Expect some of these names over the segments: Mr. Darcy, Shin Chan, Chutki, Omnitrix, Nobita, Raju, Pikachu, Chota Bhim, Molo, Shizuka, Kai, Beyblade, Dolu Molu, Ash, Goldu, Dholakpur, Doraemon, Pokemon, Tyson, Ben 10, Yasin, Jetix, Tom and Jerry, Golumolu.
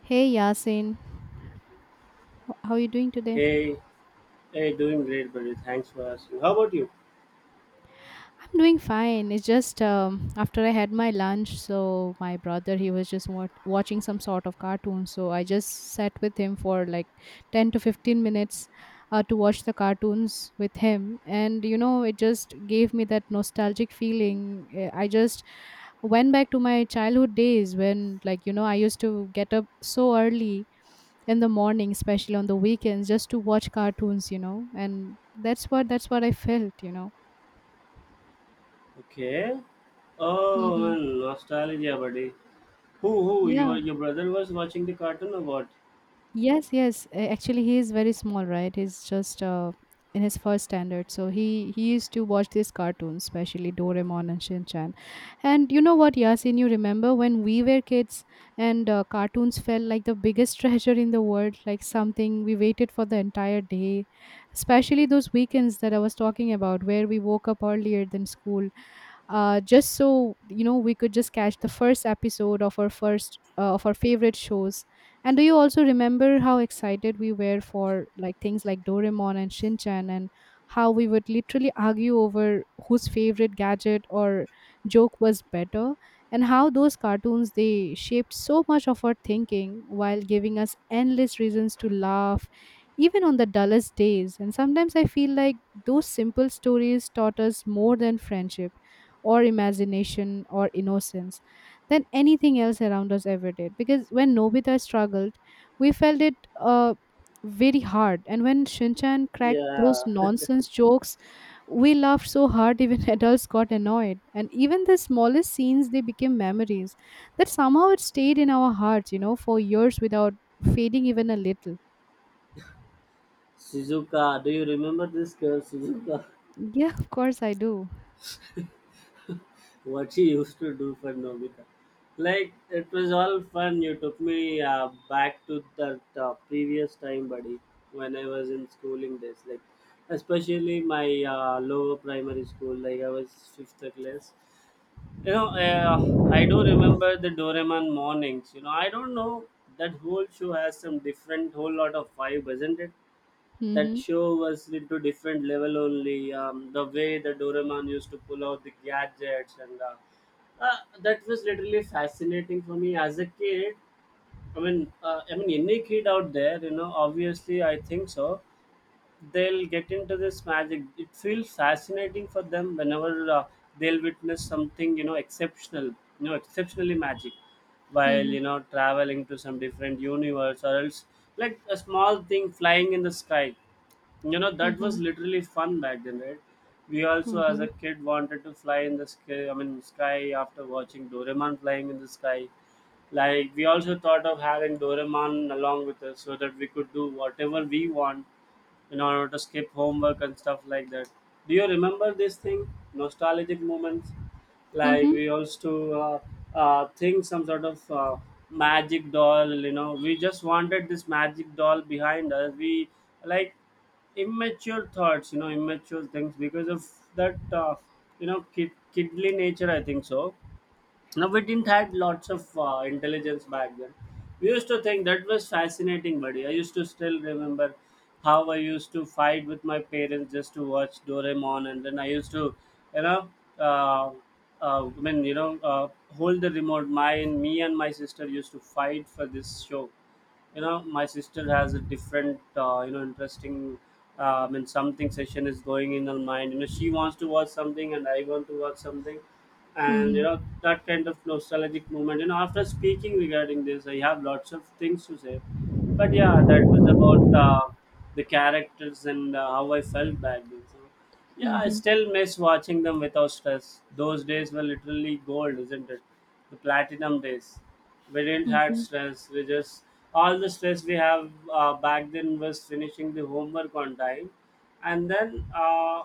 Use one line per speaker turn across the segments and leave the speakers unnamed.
Hey Yasin, how are you doing today?
Hey, hey, doing great, buddy. Thanks for asking. How about you?
I'm doing fine. It's just after I had my lunch, so my brother he was just watching some sort of cartoon. So I just sat with him for like 10 to 15 minutes to watch the cartoons with him, and you know it just gave me that nostalgic feeling. I just went back to my childhood days when, like, you know, I used to get up so early in the morning, especially on the weekends, just to watch cartoons, you know. And that's what I felt, you know.
Okay. Oh,
Hmm.
nostalgia, buddy. Who? Your
Yeah.
your brother was watching the cartoon or what?
Yes, yes. Actually, he is very small, right? He's just in his first standard. So he used to watch these cartoons, especially Doraemon and Shin Chan. And you know what, Yasin? You remember when we were kids and cartoons felt like the biggest treasure in the world, like something we waited for the entire day, especially those weekends that I was talking about, where we woke up earlier than school just so, you know, we could just catch the first episode of our first of our favorite shows. And do you also remember how excited we were for, like, things like Doraemon and Shinchan, and how we would literally argue over whose favorite gadget or joke was better, and how those cartoons they shaped so much of our thinking while giving us endless reasons to laugh even on the dullest days? And sometimes I feel like those simple stories taught us more than friendship or imagination or innocence than anything else around us ever did. Because when Nobita struggled, we felt it uh, very hard. And when Shinchan cracked those
Yeah.
nonsense jokes, we laughed so hard even adults got annoyed. And even the smallest scenes, they became memories that somehow it stayed in our hearts, you know, for years without fading even a little.
Shizuka. Do you remember this girl, Shizuka?
Yeah, of course I do.
What she used to do for Nobita? Like, it was all fun. You took me back to the previous time, buddy, when I was in schooling days. Like, especially my lower primary school. Like, I was fifth class. You know, I do remember the Doraemon mornings. You know, I don't know that whole show has some different whole lot of vibe, isn't it? That
Mm-hmm.
show was into different level only. The way the Doraemon used to pull out the gadgets and that was literally fascinating for me as a kid. I mean, any kid out there, you know, obviously I think so they'll get into this magic, it feels fascinating for them whenever they'll witness something, you know, exceptional, you know, exceptionally magic, while,
Mm-hmm.
you know, traveling to some different universe or else like a small thing flying in the sky. You know, that was
Mm-hmm.
literally fun back then, right? We also as
Mm-hmm.
a kid wanted to fly in the sky, I mean sky, after watching Doraemon flying in the sky. Like, we also thought of having Doraemon along with us so that we could do whatever we want in order to skip homework and stuff like that. Do you remember this thing? Nostalgic moments? Like
Mm-hmm.
we used to think some sort of magic doll, you know. We just wanted this magic doll behind us. We like immature thoughts, you know, immature things because of that, you know, kidly nature, I think so. Now we didn't had lots of intelligence back then. We used to think that was fascinating, buddy. I used to still remember how I used to fight with my parents just to watch Doraemon, and then I used to, you know, uh, uh, I mean, you know, uh, hold the remote. My and me and my sister used to fight for this show. You know, my sister has a different you know interesting something session is going in her mind. You know, she wants to watch something and I want to watch something, and you know,
Mm-hmm.
that kind of nostalgic moment. You know, after speaking regarding this I have lots of things to say, but yeah, that was about the characters and how I felt back then. So yeah, I
Mm-hmm.
still miss watching them without stress. Those days were literally gold, isn't it? The platinum days. We didn't have
Mm-hmm.
stress. We just, all the stress we have back then was finishing the homework on time, and then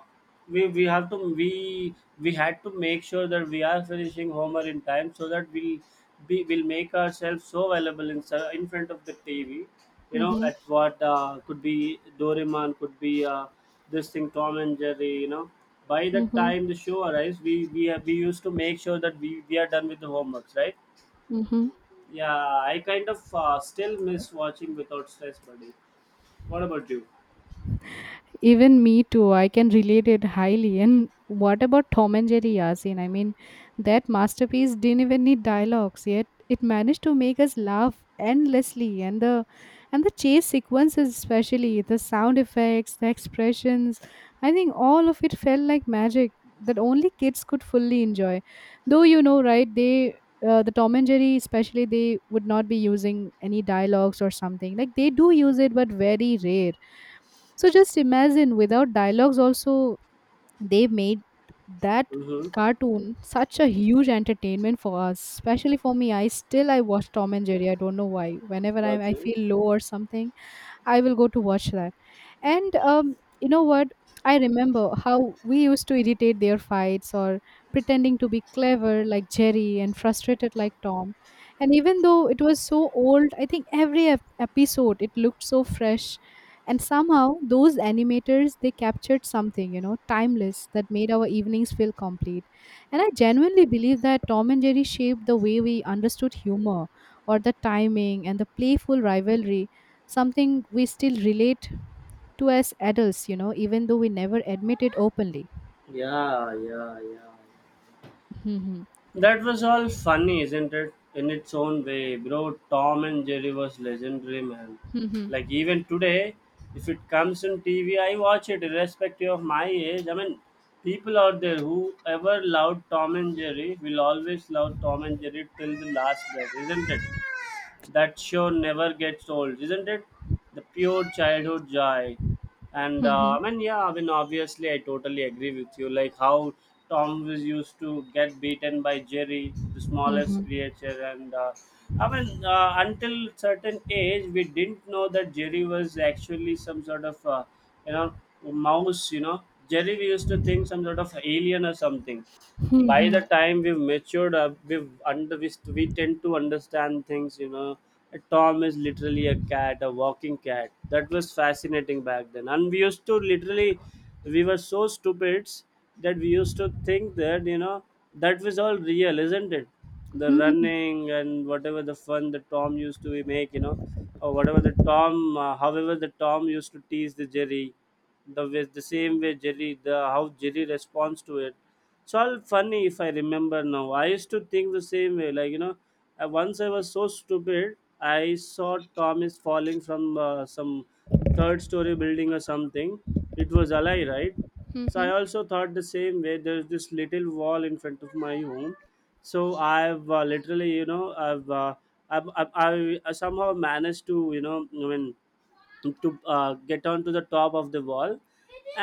we we have to we we had to make sure that we are finishing homework in time so that we'll make ourselves so available in in front of the TV. You know, at what could be Doraemon, could be this thing Tom and Jerry. You know, by the time
Mm-hmm.
the show arrives, we used to make sure that we are done with the homeworks, right?
Mm-hmm.
Yeah, I kind of still miss watching without stress, buddy. What about you?
Even me too. I can relate it highly. And what about Tom and Jerry, Yasin? I mean, that masterpiece didn't even need dialogues, yet it managed to make us laugh endlessly. And the chase sequences, especially the sound effects, the expressions, I think all of it felt like magic that only kids could fully enjoy. Though you know, right? They the Tom and Jerry, especially, they would not be using any dialogues or something. Like, they do use it, but very rare. So just imagine, without dialogues also they made that
Mm-hmm.
cartoon such a huge entertainment for us, especially for me. I still I watch Tom and Jerry. I don't know why, whenever
Got
I
you.
feel low or something, I will go to watch that. And you know what? I remember how we used to irritate their fights or pretending to be clever like Jerry and frustrated like Tom. And even though it was so old, I think every episode it looked so fresh. And somehow those animators they captured something, you know, timeless that made our evenings feel complete. And I genuinely believe that Tom and Jerry shaped the way we understood humor or the timing and the playful rivalry, something we still relate to as adults, you know, even though we never admit it openly.
Yeah, yeah, yeah.
Mhm.
That was all funny, isn't it? In its own way, bro. Tom and Jerry was legendary, man.
Mhm.
Like even today, if it comes on TV, I watch it irrespective of my age. I mean, people out there who ever loved Tom and Jerry will always love Tom and Jerry till the last breath, isn't it? That show never gets old, isn't it? The pure childhood joy. And I
Mhm.
mean, yeah, I mean, obviously, I totally agree with you. Like how Tom was used to get beaten by Jerry, the smallest
Mhm.
creature, and I mean, until certain age, we didn't know that Jerry was actually some sort of, you know, mouse. You know, Jerry we used to think some sort of alien or something.
Mhm.
By the
Mhm.
time we've matured up, we tend to understand things. You know, Tom is literally a cat, a walking cat. That
Okay.
was fascinating back then, and we used to literally, we were so stupid that we used to think that, you know, that was all real, isn't it? The
Mhm.
running and whatever the fun that Tom used to make, you know, or whatever the tom however the Tom used to tease the Jerry, the way the same way Jerry the how Jerry responds to it. It's all funny if I remember now. I used to think the same way. Like you know, once I was so stupid, I saw Tom is falling from some third story building or something. It was a lie, right? So I
Mhm.
also thought the same way. There's this little wall in front of my home, so I've literally, you know, I've, I've, I somehow managed to, you know, I mean, to get onto the top of the wall,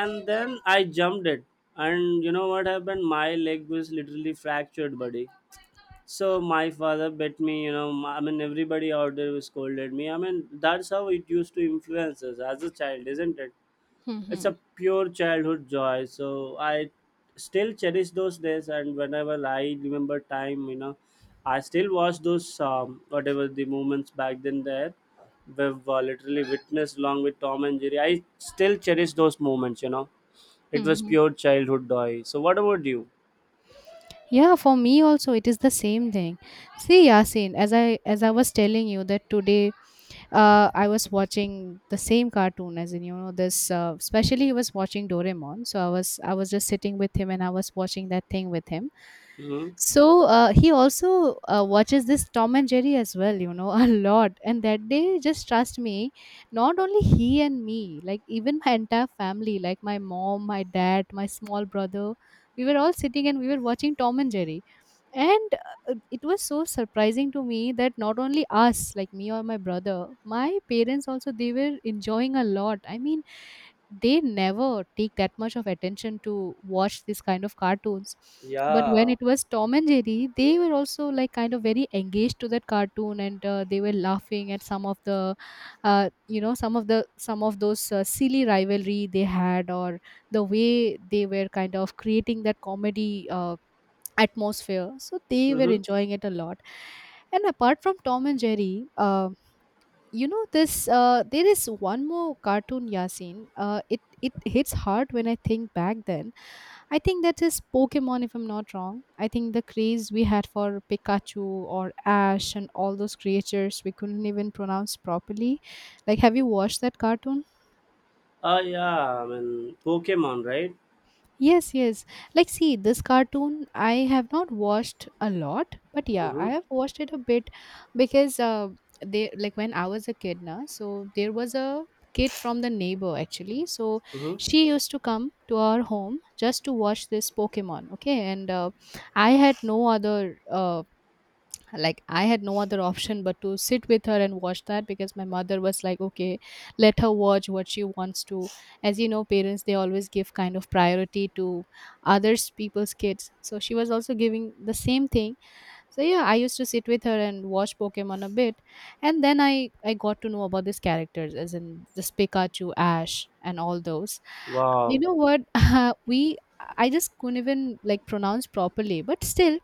and then I jumped it, and you know what happened, my leg was literally fractured, buddy. So my father bet me, you know, I mean everybody out there scolded me. I mean, that's how it used to influence us as a child, isn't it? It's a pure childhood joy, so I still cherish those days, and whenever I remember time, you know, I still watch those whatever the moments back then there we've literally witnessed along with Tom and Jerry. I still cherish those moments, you know. It was
Mhm.
pure childhood joy, so what about you?
Yeah, for me also it is the same thing. See, Yasin, as I was telling you, that today I was watching the same cartoon, as in, you know, this. Especially, he was watching Doraemon, so I was just sitting with him and I was watching that thing with him.
Mm-hmm.
So he also watches this Tom and Jerry as well, you know, a lot. And that day, just trust me, not only he and me, like even my entire family, like my mom, my dad, my small brother, we were all sitting and we were watching Tom and Jerry. And it was so surprising to me that not only us, like me or my brother, my parents also, they were enjoying a lot. I mean, they never take that much of attention to watch this kind of cartoons, but when
Yeah.
it was Tom and Jerry, they were also like kind of very engaged to that cartoon. And they were laughing at some of the you know, some of those silly rivalry they had, or the way they were kind of creating that comedy atmosphere. So they were
Mm-hmm.
enjoying it a lot. And apart from Tom and Jerry, you know this there is one more cartoon, Yasin. It hits hard when I think back then. I think that is Pokemon, if I'm not wrong. I think the craze we had for Pikachu or Ash and all those creatures we couldn't even pronounce properly, like, have you watched that cartoon?
Ah, yeah, I mean Pokemon, right?
Yes, yes. Like, see, this cartoon I have not watched a lot, but yeah, I
Mm-hmm.
have watched it a bit, because they like, when I was a kid now, so there was a kid from the neighbor, actually. So
Mm-hmm.
she used to come to our home just to watch this Pokemon. Okay, and I had no other like, I had no other option but to sit with her and watch that, because my mother was like, okay, let her watch what she wants to. As you know, parents, they always give kind of priority to others people's kids, so she was also giving the same thing. So yeah, I used to sit with her and watch Pokemon a bit. And then I got to know about these characters, as in this Pikachu, Ash, and all those. You
Wow.
know what? we I just couldn't even, like, pronounce properly, but still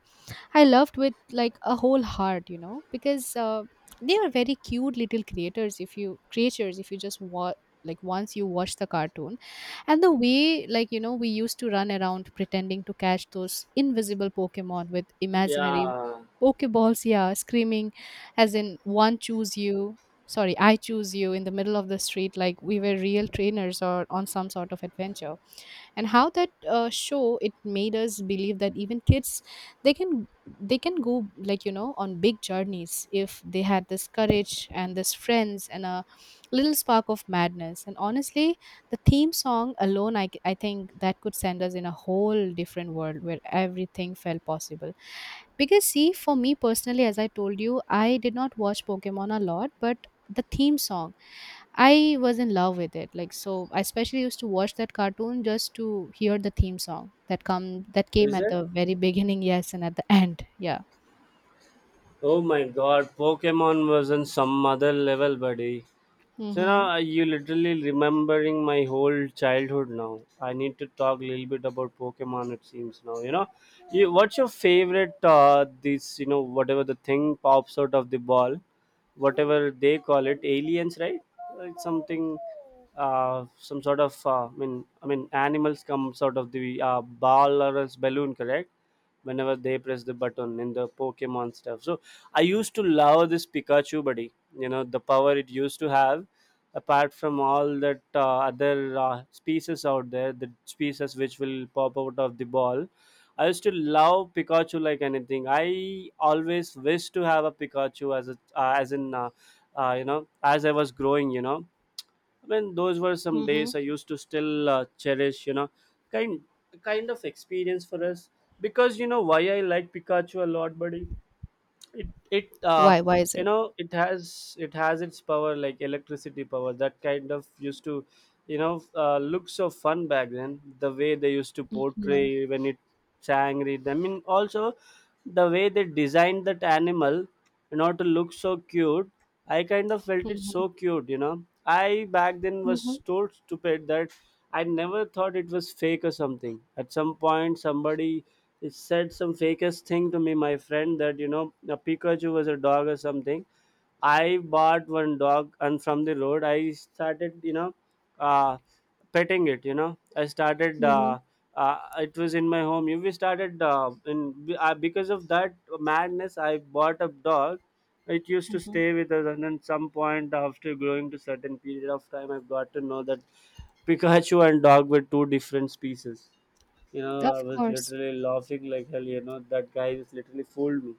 I loved with like a whole heart, you know. Because they are very cute little creators. If you, creatures, if you just watch, like, once you watch the cartoon, and the way, like, you know, we used to run around pretending to catch those invisible Pokemon with imaginary
Yeah.
Pokeballs, yeah, screaming, as in, one, choose you, sorry, I choose you, in the middle of the street, like we were real trainers or on some sort of adventure. And how that show it made us believe that even kids, they can they can go, like, you know, on big journeys if they had this courage and this friends and a little spark of madness. And honestly, the theme song alone, I think that could send us in a whole different world where everything felt possible. Because, see, for me personally, as I told you, I did not watch Pokemon a lot, but the theme song I was in love with it. Like, so I especially used to watch that cartoon just to hear the theme song that came
Is
at
it?
the very beginning, yes, and at the end. Yeah.
Oh my god, Pokemon was on some other level, buddy. So now
Mhm.
you literally remembering my whole childhood now. I need to talk a little bit about Pokemon, it seems now, you know. You, what's your favorite? This you know whatever the thing pops out of the ball, whatever they call it, aliens, right? Uh, It's something, some sort of. I mean, animals comes out of the ball or else balloon, correct? Whenever they press the button in the Pokemon stuff. So I used to love this Pikachu, buddy. You know the power it used to have apart from all that other species out there, the species which will pop out of the ball. I used to love Pikachu like anything. I always wish to have a Pikachu as a as in you know, as I was growing. You know, I mean those were some days
Mhm.
I used to still cherish. You know, kind kind of experience for us, because you know why I like Pikachu a lot, buddy, it it
Why? Why is
you
it?
know it has its power, like electricity power, that kind of used to, you know, look so fun back then, the way they used to
Mhm.
portray when it sang read, I mean also the way they designed that animal in order to look so cute. I kind of felt it
Mhm.
so cute, you know. I back then was
Mhm.
so stupid that I never thought it was fake or something. At some point somebody, he said some fakest thing to me, my friend, that you know, a Pikachu was a dog or something. I bought one dog, and from the road, I started, you know, uh, petting it. You know, I started.
Mhm.
It was in my home. We started in Because of that madness, I bought a dog. It used to
Mhm.
stay with us, and then some point after growing to certain period of time, I've got to know that Pikachu and dog were two different species. You know, I
Of
was
course.
literally laughing like hell. You know, that guy just literally fooled me.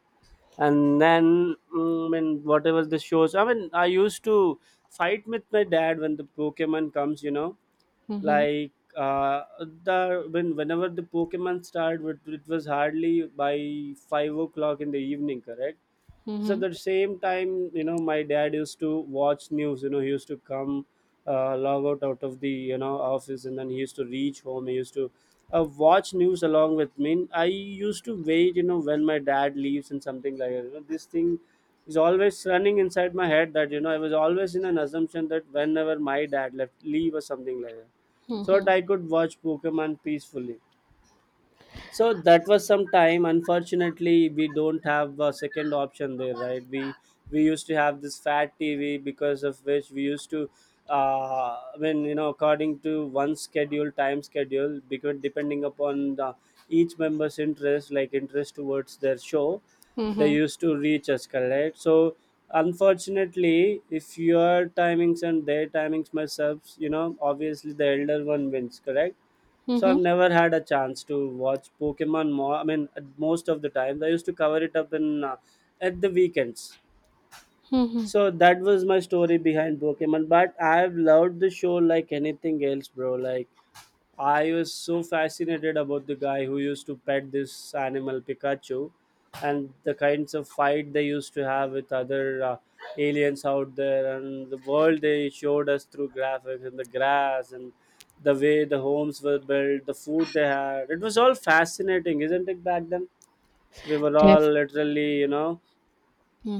And then I mean, whatever the shows, I mean, I used to fight with my dad when the Pokemon comes, you know,
Mhm.
like the when whenever the Pokemon started, it was hardly by 5 o'clock in the evening, correct? So at
Mhm.
the same time, you know, my dad used to watch news. You know, he used to come, log out of the, you know, office, and then he used to reach home. He used to watch news along with me. I used to wait, you know, when my dad leaves and something like that. You know, this thing is always running inside my head that, you know, I was always in an assumption that whenever my dad left leave or something like that, so that I could watch Pokemon peacefully. So that was some time. Unfortunately, we don't have a second option there, right? We used to have this fat TV, because of which we used to I mean, you know, according to one schedule, time schedule, because depending upon the, each member's interest, like interest towards their show, they
Mhm.
used to reach us, correct? So unfortunately, if your timings and their timings match ups, you know, obviously the elder one wins, correct? So
Mhm.
I've never had a chance to watch Pokemon more. I mean, at most of the times, I used to cover it up in at the weekends.
Mhm.
So that was my story behind Pokemon, but I've loved the show like anything else, bro. Like, I was so fascinated about the guy who used to pet this animal Pikachu, and the kinds of fight they used to have with other aliens out there, and the world they showed us through graphics and the grass and the way the homes were built, the food they had. It was all fascinating, isn't it? Back then, we were all
Def.
literally, you know,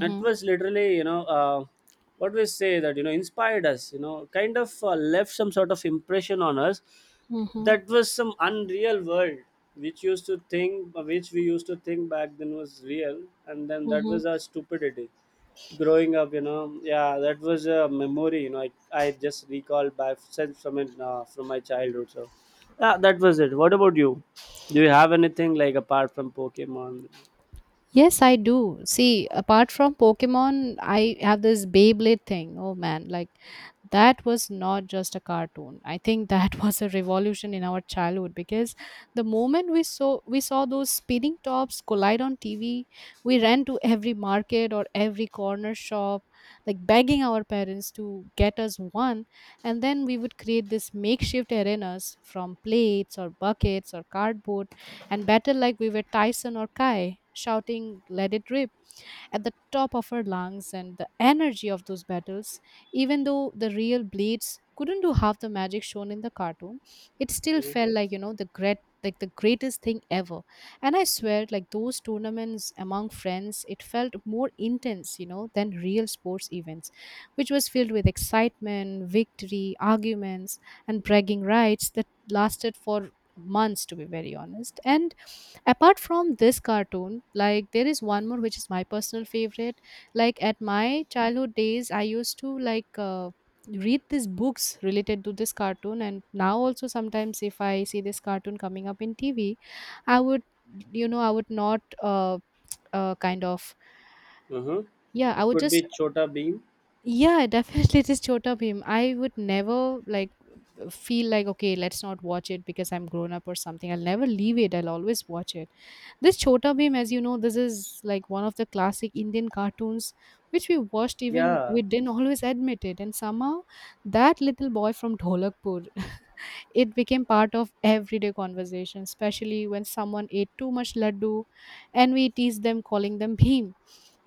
it was literally, you know, what we say that, you know, inspired us, you know, kind of left some sort of impression on us.
Mhm.
That was some unreal world which used to think which we used to think back then was real, and then that
Mhm.
was our stupidity growing up, you know. Yeah, that was a memory. You know, I just recall by since from it from my childhood. So yeah, that was it. What about you? Do you have anything like, apart from Pokemon?
Yes, I do. See, apart from Pokemon, I have this Beyblade thing. Oh man, like, that was not just a cartoon. I think that was a revolution in our childhood, because the moment we saw those spinning tops collide on TV, we ran to every market or every corner shop, like begging our parents to get us one. And then we would create this makeshift arenas from plates or buckets or cardboard and battled like we were Tyson or Kai, shouting, "Let it rip," at the top of our lungs. And the energy of those battles, even though the real blades couldn't do half the magic shown in the cartoon, it still
Uh-huh.
felt like, you know, the great, like the greatest thing ever. And I swear, like, those tournaments among friends, it felt more intense, you know, than real sports events, which was filled with excitement, victory, arguments, and bragging rights that lasted for months, to be very honest. And apart from this cartoon, like, there is one more which is my personal favorite. Like, at my childhood days I used to like read these books related to this cartoon. And now also, sometimes if I see this cartoon coming up in TV, I would, you know, I would not kind of,
Uh-huh.
yeah, I
It
would
could
just,
be Chota Bean.
yeah, definitely just Chota Bhim. I would never, like, feel like, okay, let's not watch it because I'm grown up or something. I'll never leave it, I'll always watch it. This Chota Bhim, as you know, this is like one of the classic Indian cartoons which we watched even
Yeah.
we didn't always admit it. And somehow that little boy from Dholakpur, it became part of everyday conversation. Especially when someone ate too much laddu, and we teased them calling them Bhim.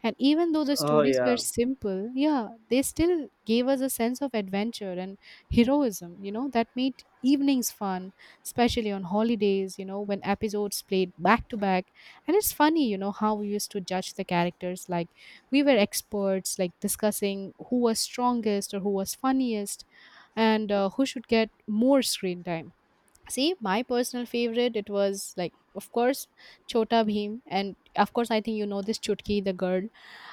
And even though the
Oh
stories were
yeah.
simple, yeah, they still gave us a sense of adventure and heroism that made evenings fun, especially on holidays when episodes played back to back. And it's funny, how we used to judge the characters, like, we were experts, like, discussing who was strongest or who was funniest, and who should get more screen time. See, my personal favorite, it was, like, of course, Chota Bhim. And of course, I think you know this Chutki, the girl.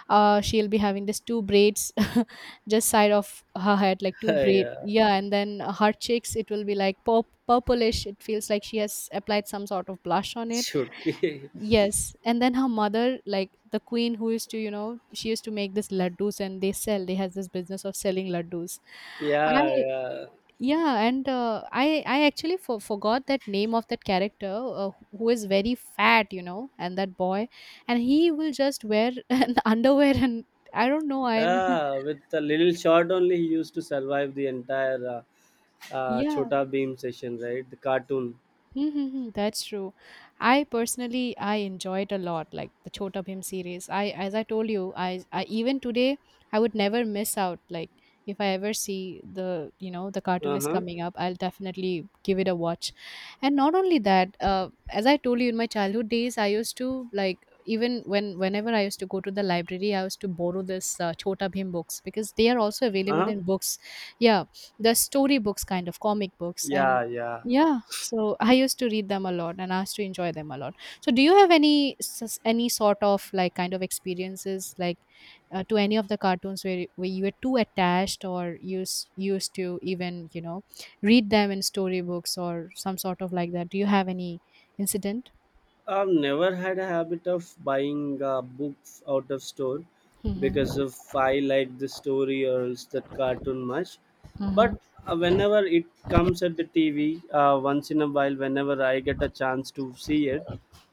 She'll be having this two braids just side of her head, like two braid.
Yeah.
Yeah, and then her cheeks, it will be like purplish. It feels like she has applied some sort of blush on it.
Chutki.
Yes. And then her mother, like the queen who used to, she used to make this laddus, and they has this business of selling laddus. I
Yeah, yeah.
Yeah, and I actually forgot that name of that character who is very fat, and that boy, and he will just wear an underwear and I don't know. I'm
Yeah, with a little shot only, he used to survive the entire
yeah,
Chota Beam session, right? The cartoon.
mm-hmm, that's true. I personally I enjoy it a lot, like the Chota Bhim series. I As I told you, I even today I would never miss out. Like, if I ever see the you know the cartoon
Uh
is
huh.
coming up, I'll definitely give it a watch. And not only that, as I told you, in my childhood days, I used to like even when whenever I used to go to the library, I used to borrow this Chota Bhim books, because they are also
Uh
available
huh.
in books. Yeah, the story books, kind of comic books,
Yeah,
and
yeah.
yeah, so I used to read them a lot and I used to enjoy them a lot. So do you have any any sort of, like, kind of experiences, like, to any of the cartoons where you were too attached, or used to even, read them in storybooks or some sort of like that? Do you have any incident?
I've never had a habit of buying books out of store because
Mhm.
of I like the story or else that cartoon much. But
Mhm.
whenever it comes at the TV, once in a while, whenever I get a chance to see it,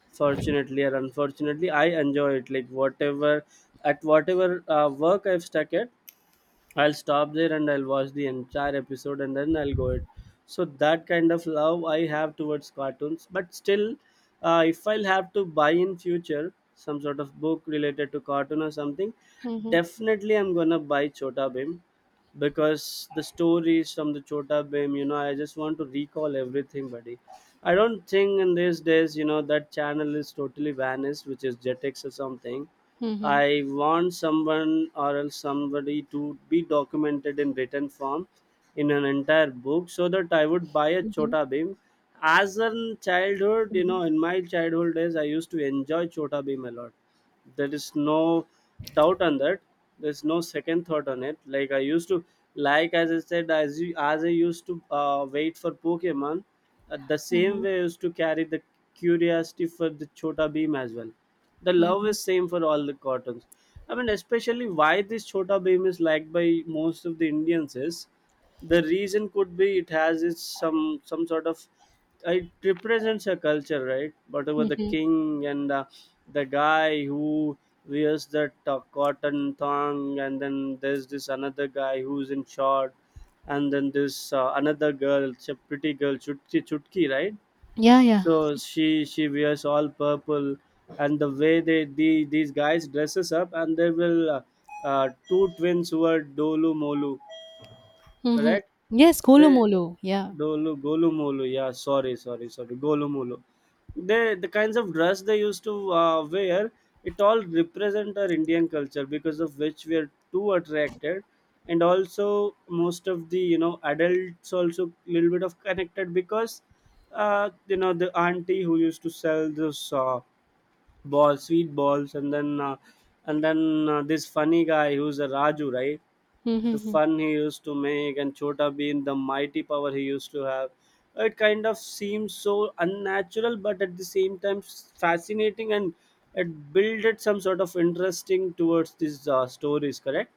fortunately or unfortunately, I enjoy it like whatever. At whatever work I've stuck at, I'll stop there and I'll watch the entire episode and then I'll go it. So that kind of love I have towards cartoons. But still, if I'll have to buy in future some sort of book related to cartoon or something,
Mhm.
definitely I'm gonna buy Chota Bhim, because the stories from the Chota Bhim, you know, I just want to recall everything, buddy. I don't think in these days, you know, that channel is totally vanished, which is Jetix or something.
Mhm.
I want someone or else somebody to be documented in written form in an entire book so that I would buy a
Mhm.
Chota Bheem. As in childhood, you know,
Mhm.
in my childhood days, I used to enjoy Chota Bheem a lot. There is no doubt on that. There's no second thought on it. Like, I used to, like as I said, as I used to wait for Pokemon, the same
Mhm.
way I used to carry the curiosity for the Chota Beam as well. The love
Mhm.
is same for all the cartoons. I mean, especially why this Chota Beam is liked by most of the Indians is, the reason could be it has its some sort of, it represents a culture, right? Whatever the
Mhm.
king and the guy who wears that cotton thong, and then there's this another guy who's in short, and then this another girl, it's a pretty girl, Chutki, Chutki, right?
Yeah, yeah.
So she wears all purple, and the way they these guys dresses up, and they will two twins who are Dolu Molu,
Mhm.
correct?
Yes,
They
Kolomolo. Yeah.
Dolu Golumolu. Yeah, sorry, sorry, sorry. Golumolu. They the kinds of dress they used to wear. It all represent our Indian culture, because of which we are too attracted, and also most of the, you know, adults also little bit of connected, because you know, the auntie who used to sell this. Balls, sweet balls, and then and then this funny guy who's a Raju, right?
Mhm.
The
Mhm.
fun he used to make, and Chota Bean, the mighty power he used to have. It kind of seems so unnatural, but at the same time fascinating, and it builded some sort of interesting towards these stories, correct?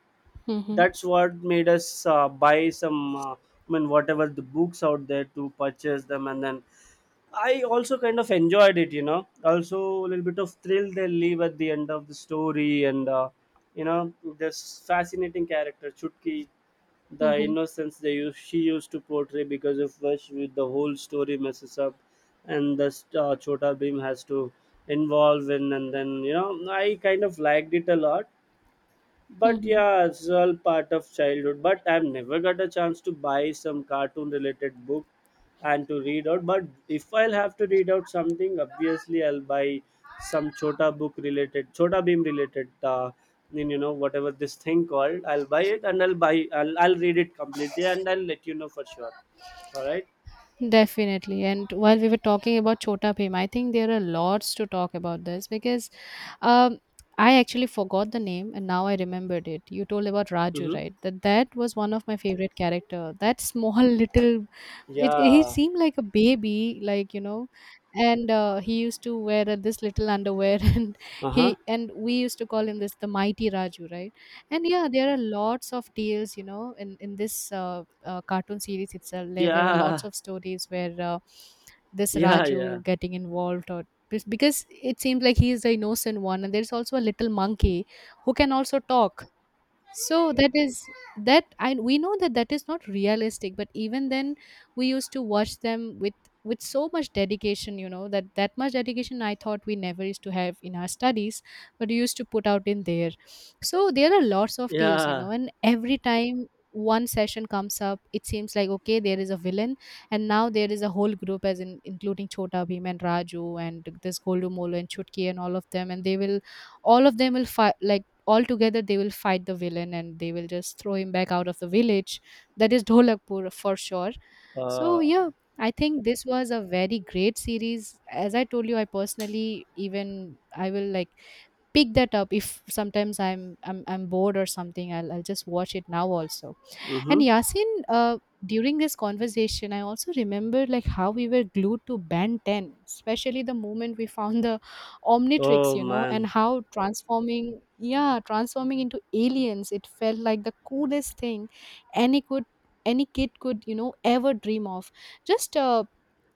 Mhm.
That's what made us buy some. I mean, whatever the books out there to purchase them, and then I also kind of enjoyed it, you know. Also, a little bit of thrill they leave at the end of the story, and you know, this fascinating character Chutki, the
Mhm.
innocence she used to portray because of which with the whole story messes up, and this Chota Bhim has to involve in, and then, you know, I kind of liked it a lot. But
Mhm.
yeah, it's all part of childhood. But I've never got a chance to buy some cartoon related book and to read out. But if I'll have to read out something, obviously I'll buy some Chota book related, Chota Beam related, in, you know, whatever this thing called. I'll buy it, and I'll read it completely and I'll let you know for sure. All right.
Definitely. And while we were talking about Chota Bhim, I think there are lots to talk about this because um, I actually forgot the name, and now I remembered it. You told about Raju,
Mm-hmm.
right? That was one of my favorite character. That small little, it he
Yeah.
seemed like a baby, like, and he used to wear this little underwear, and
Uh huh.
he and we used to call him this, the mighty Raju, right? And yeah, there are lots of tales, in this. Cartoon series itself, there are
Yeah.
lots of stories where this
Yeah. Yeah.
Raju getting involved, or because it seems like he is the innocent one. And there's also a little monkey who can also talk, so that is that I we know that that is not realistic, but even then we used to watch them with so much dedication, that that much dedication, I thought, we never used to have in our studies, but we used to put out in there. So there are lots of tales,
Yeah.
and every time one session comes up, it seems like, okay, there is a villain, and now there is a whole group, as in, including Chota Bhim and Raju, and this Goldu Molo and Chutki, and all of them, and they will all of them will fight, like, altogether, they will fight the villain, and they will just throw him back out of the village, that is Dholakpur, for sure. So
Uh.
yeah, I think this was a very great series. As I told you, I personally, even I will, like, pick that up if sometimes I'm bored or something, I'll just watch it now also. And
Mm-hmm.
Yasin, during this conversation, I also remember, like, how we were glued to Band 10, especially the moment we found the Omnitrix,
Oh
and
man.
how transforming into aliens, it felt like the coolest thing any could any kid could ever dream of. Just,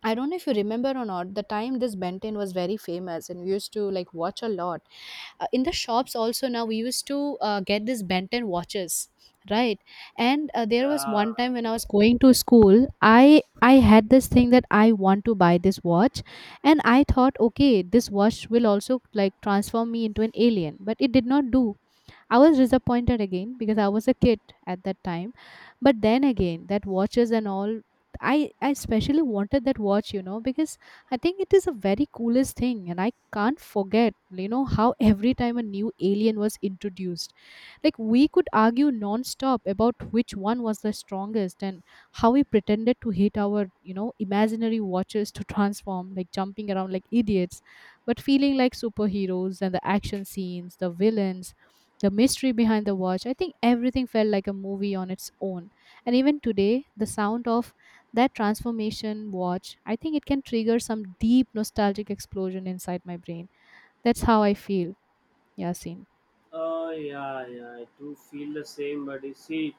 I don't know if you remember or not, the time this Benton was very famous, and we used to, like, watch a lot in the shops also. Now we used to get these Benton watches, right? And there was
Yeah.
one time when I was going to school, I had this thing that I want to buy this watch. And I thought, okay, this watch will also, like, transform me into an alien, but it did not do. I was disappointed again because I was a kid at that time. But then again, that watches and all, I especially wanted that watch, because I think it is a very coolest thing. And I can't forget, how every time a new alien was introduced, like, we could argue non-stop about which one was the strongest, and how we pretended to hit our, imaginary watches to transform, like, jumping around like idiots, but feeling like superheroes. And the action scenes, the villains, the mystery behind the watch, I think everything felt like a movie on its own. And even today, the sound of that transformation watch, I think it can trigger some deep nostalgic explosion inside my brain. That's how I feel, Yasin.
Oh yeah, yeah, I do feel the same, but you see,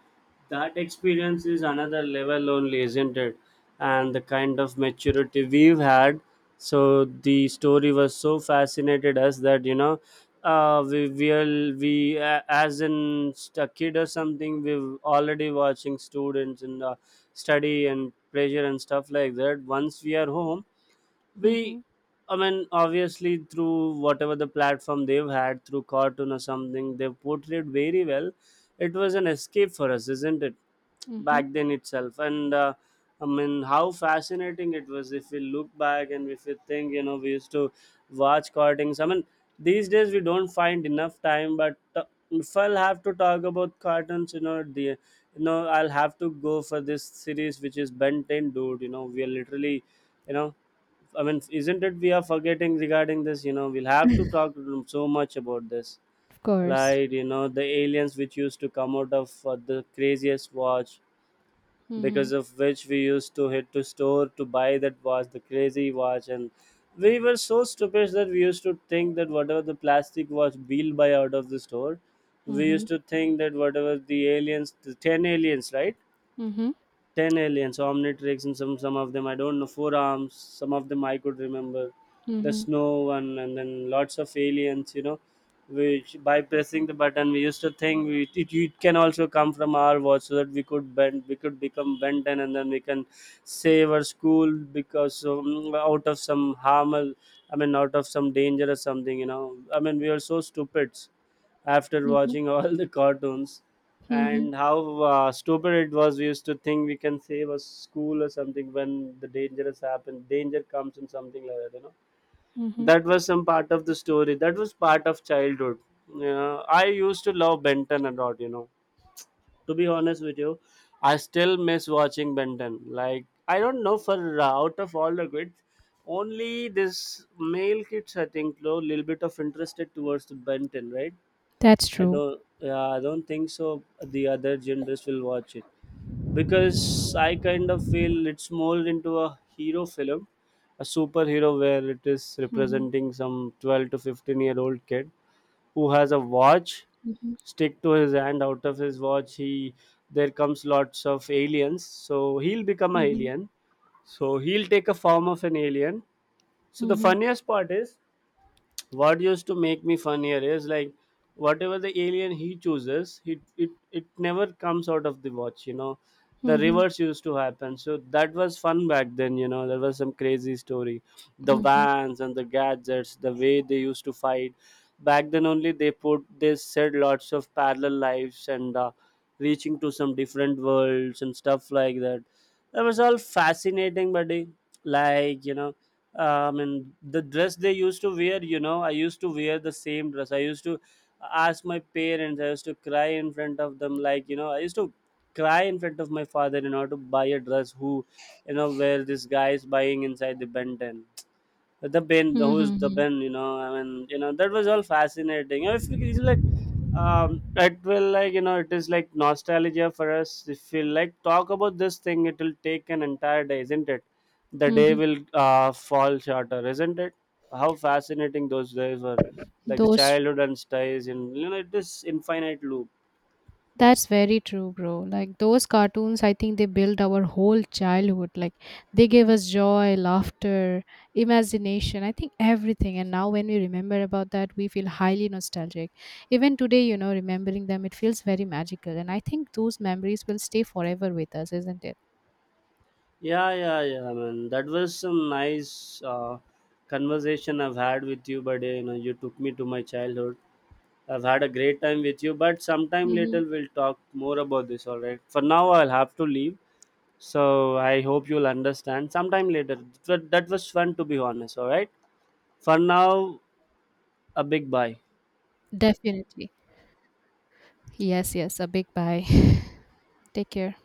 that experience is another level only, isn't it? And the kind of maturity we've had. So the story was so fascinated us that, you know, we we'll, we as in a kid or something, we've already watching students and study and pressure and stuff like that. Once we are home, we
Mm-hmm.
I mean, obviously through whatever the platform they've had through cartoon or something, they've portrayed very well. It was an escape for us, isn't it,
Mm-hmm.
back then itself? And I mean, how fascinating it was if we look back and if we think. You know, we used to watch cartoons. I mean, these days we don't find enough time. But if I'll have to talk about cartoons, you know, the you know, I'll have to go for this series which is Ben 10, dude. You know, we are literally, you know, I mean, isn't it we are forgetting regarding this? You know, we'll have to talk so much about this.
Of course.
Like, you know, the aliens which used to come out of the craziest watch, because
Mhm,
of which we used to hit to store to buy that watch, the crazy watch. And we were so stupid that we used to think that whatever the plastic watch we'll buy out of the store, we used
mhm,
to think that whatever the aliens, the 10 aliens, right?
mhm,
10 aliens, Omnitrix, and some of them I don't know. Four arms, some of them I could remember. The
mhm,
snow one, and then lots of aliens. You know, which by pressing the button we used to think it can also come from our watch, so that we could become Benten, and then we can save our school, because out of some harm. I mean, out of some danger or something. You know, I mean, we are so stupid after
mhm,
watching all the cartoons,
mhm,
and how stupid it was. We used to think we can save a school or something when the danger comes and something like that, you know.
mhm.
That was some part of the story. That was part of childhood. You know, I used to love Benton a lot, you know, to be honest with you. I still miss watching Benton. Like, I don't know, for out of all the kids, only this male kids I think a little bit of interested towards the Benton, right?
That's
I
true.
don't, yeah, I don't think so the other genders will watch it, because I kind of feel it's molded into a hero film, a superhero where it is
Mhm,
representing some 12 to 15 year old kid who has a watch
mhm,
stick to his hand. Out of his watch, he there comes lots of aliens, so he'll become an
mhm,
alien. So he'll take a form of an alien. So the
mhm,
funniest part is, what used to make me fun here is, like, whatever the alien he chooses, it never comes out of the watch, you know. The
mhm,
reverse used to happen. So that was fun back then, you know. There was some crazy story. The vans and the gadgets, the way they used to fight back then only, they said lots of parallel lives and reaching to some different worlds and stuff like that. That was all fascinating, buddy, like, you know, and the dress they used to wear. You know, I used to wear the same dress. I used to ask my parents. I used to cry in front of them, like, you know, I used to cry in front of my father in order to buy a dress who, you know, where this guy is buying inside the Benton, the Ben, who
mhm,
is the
mhm,
Ben. You know, I mean, you know, that was all fascinating. You know, if it's like, it will like, you know, it is like nostalgia for us. If we like talk about this thing, it will take an entire day, isn't it? The day
mhm.
will fall shorter, isn't it? How fascinating those days were, like the
Those
childhood and stays, and you know, it is infinite loop.
That's very true, bro. Like those cartoons, I think they build our whole childhood. Like, they gave us joy, laughter, imagination, I think everything. And now when we remember about that, we feel highly nostalgic. Even today, remembering them, it feels very magical. And I think those memories will stay forever with us, isn't
Yeah, yeah, yeah, man. That was some nice conversation I've had with you, buddy. You know, you took me to my childhood. I've had a great time with you, but sometime
it?
later we'll talk more about this, all right? For now, I'll have to leave. So I hope you'll understand. Sometime later. That was fun, to be honest, all right? For now, a big bye.
Definitely. Yes, yes. A big bye. Take care.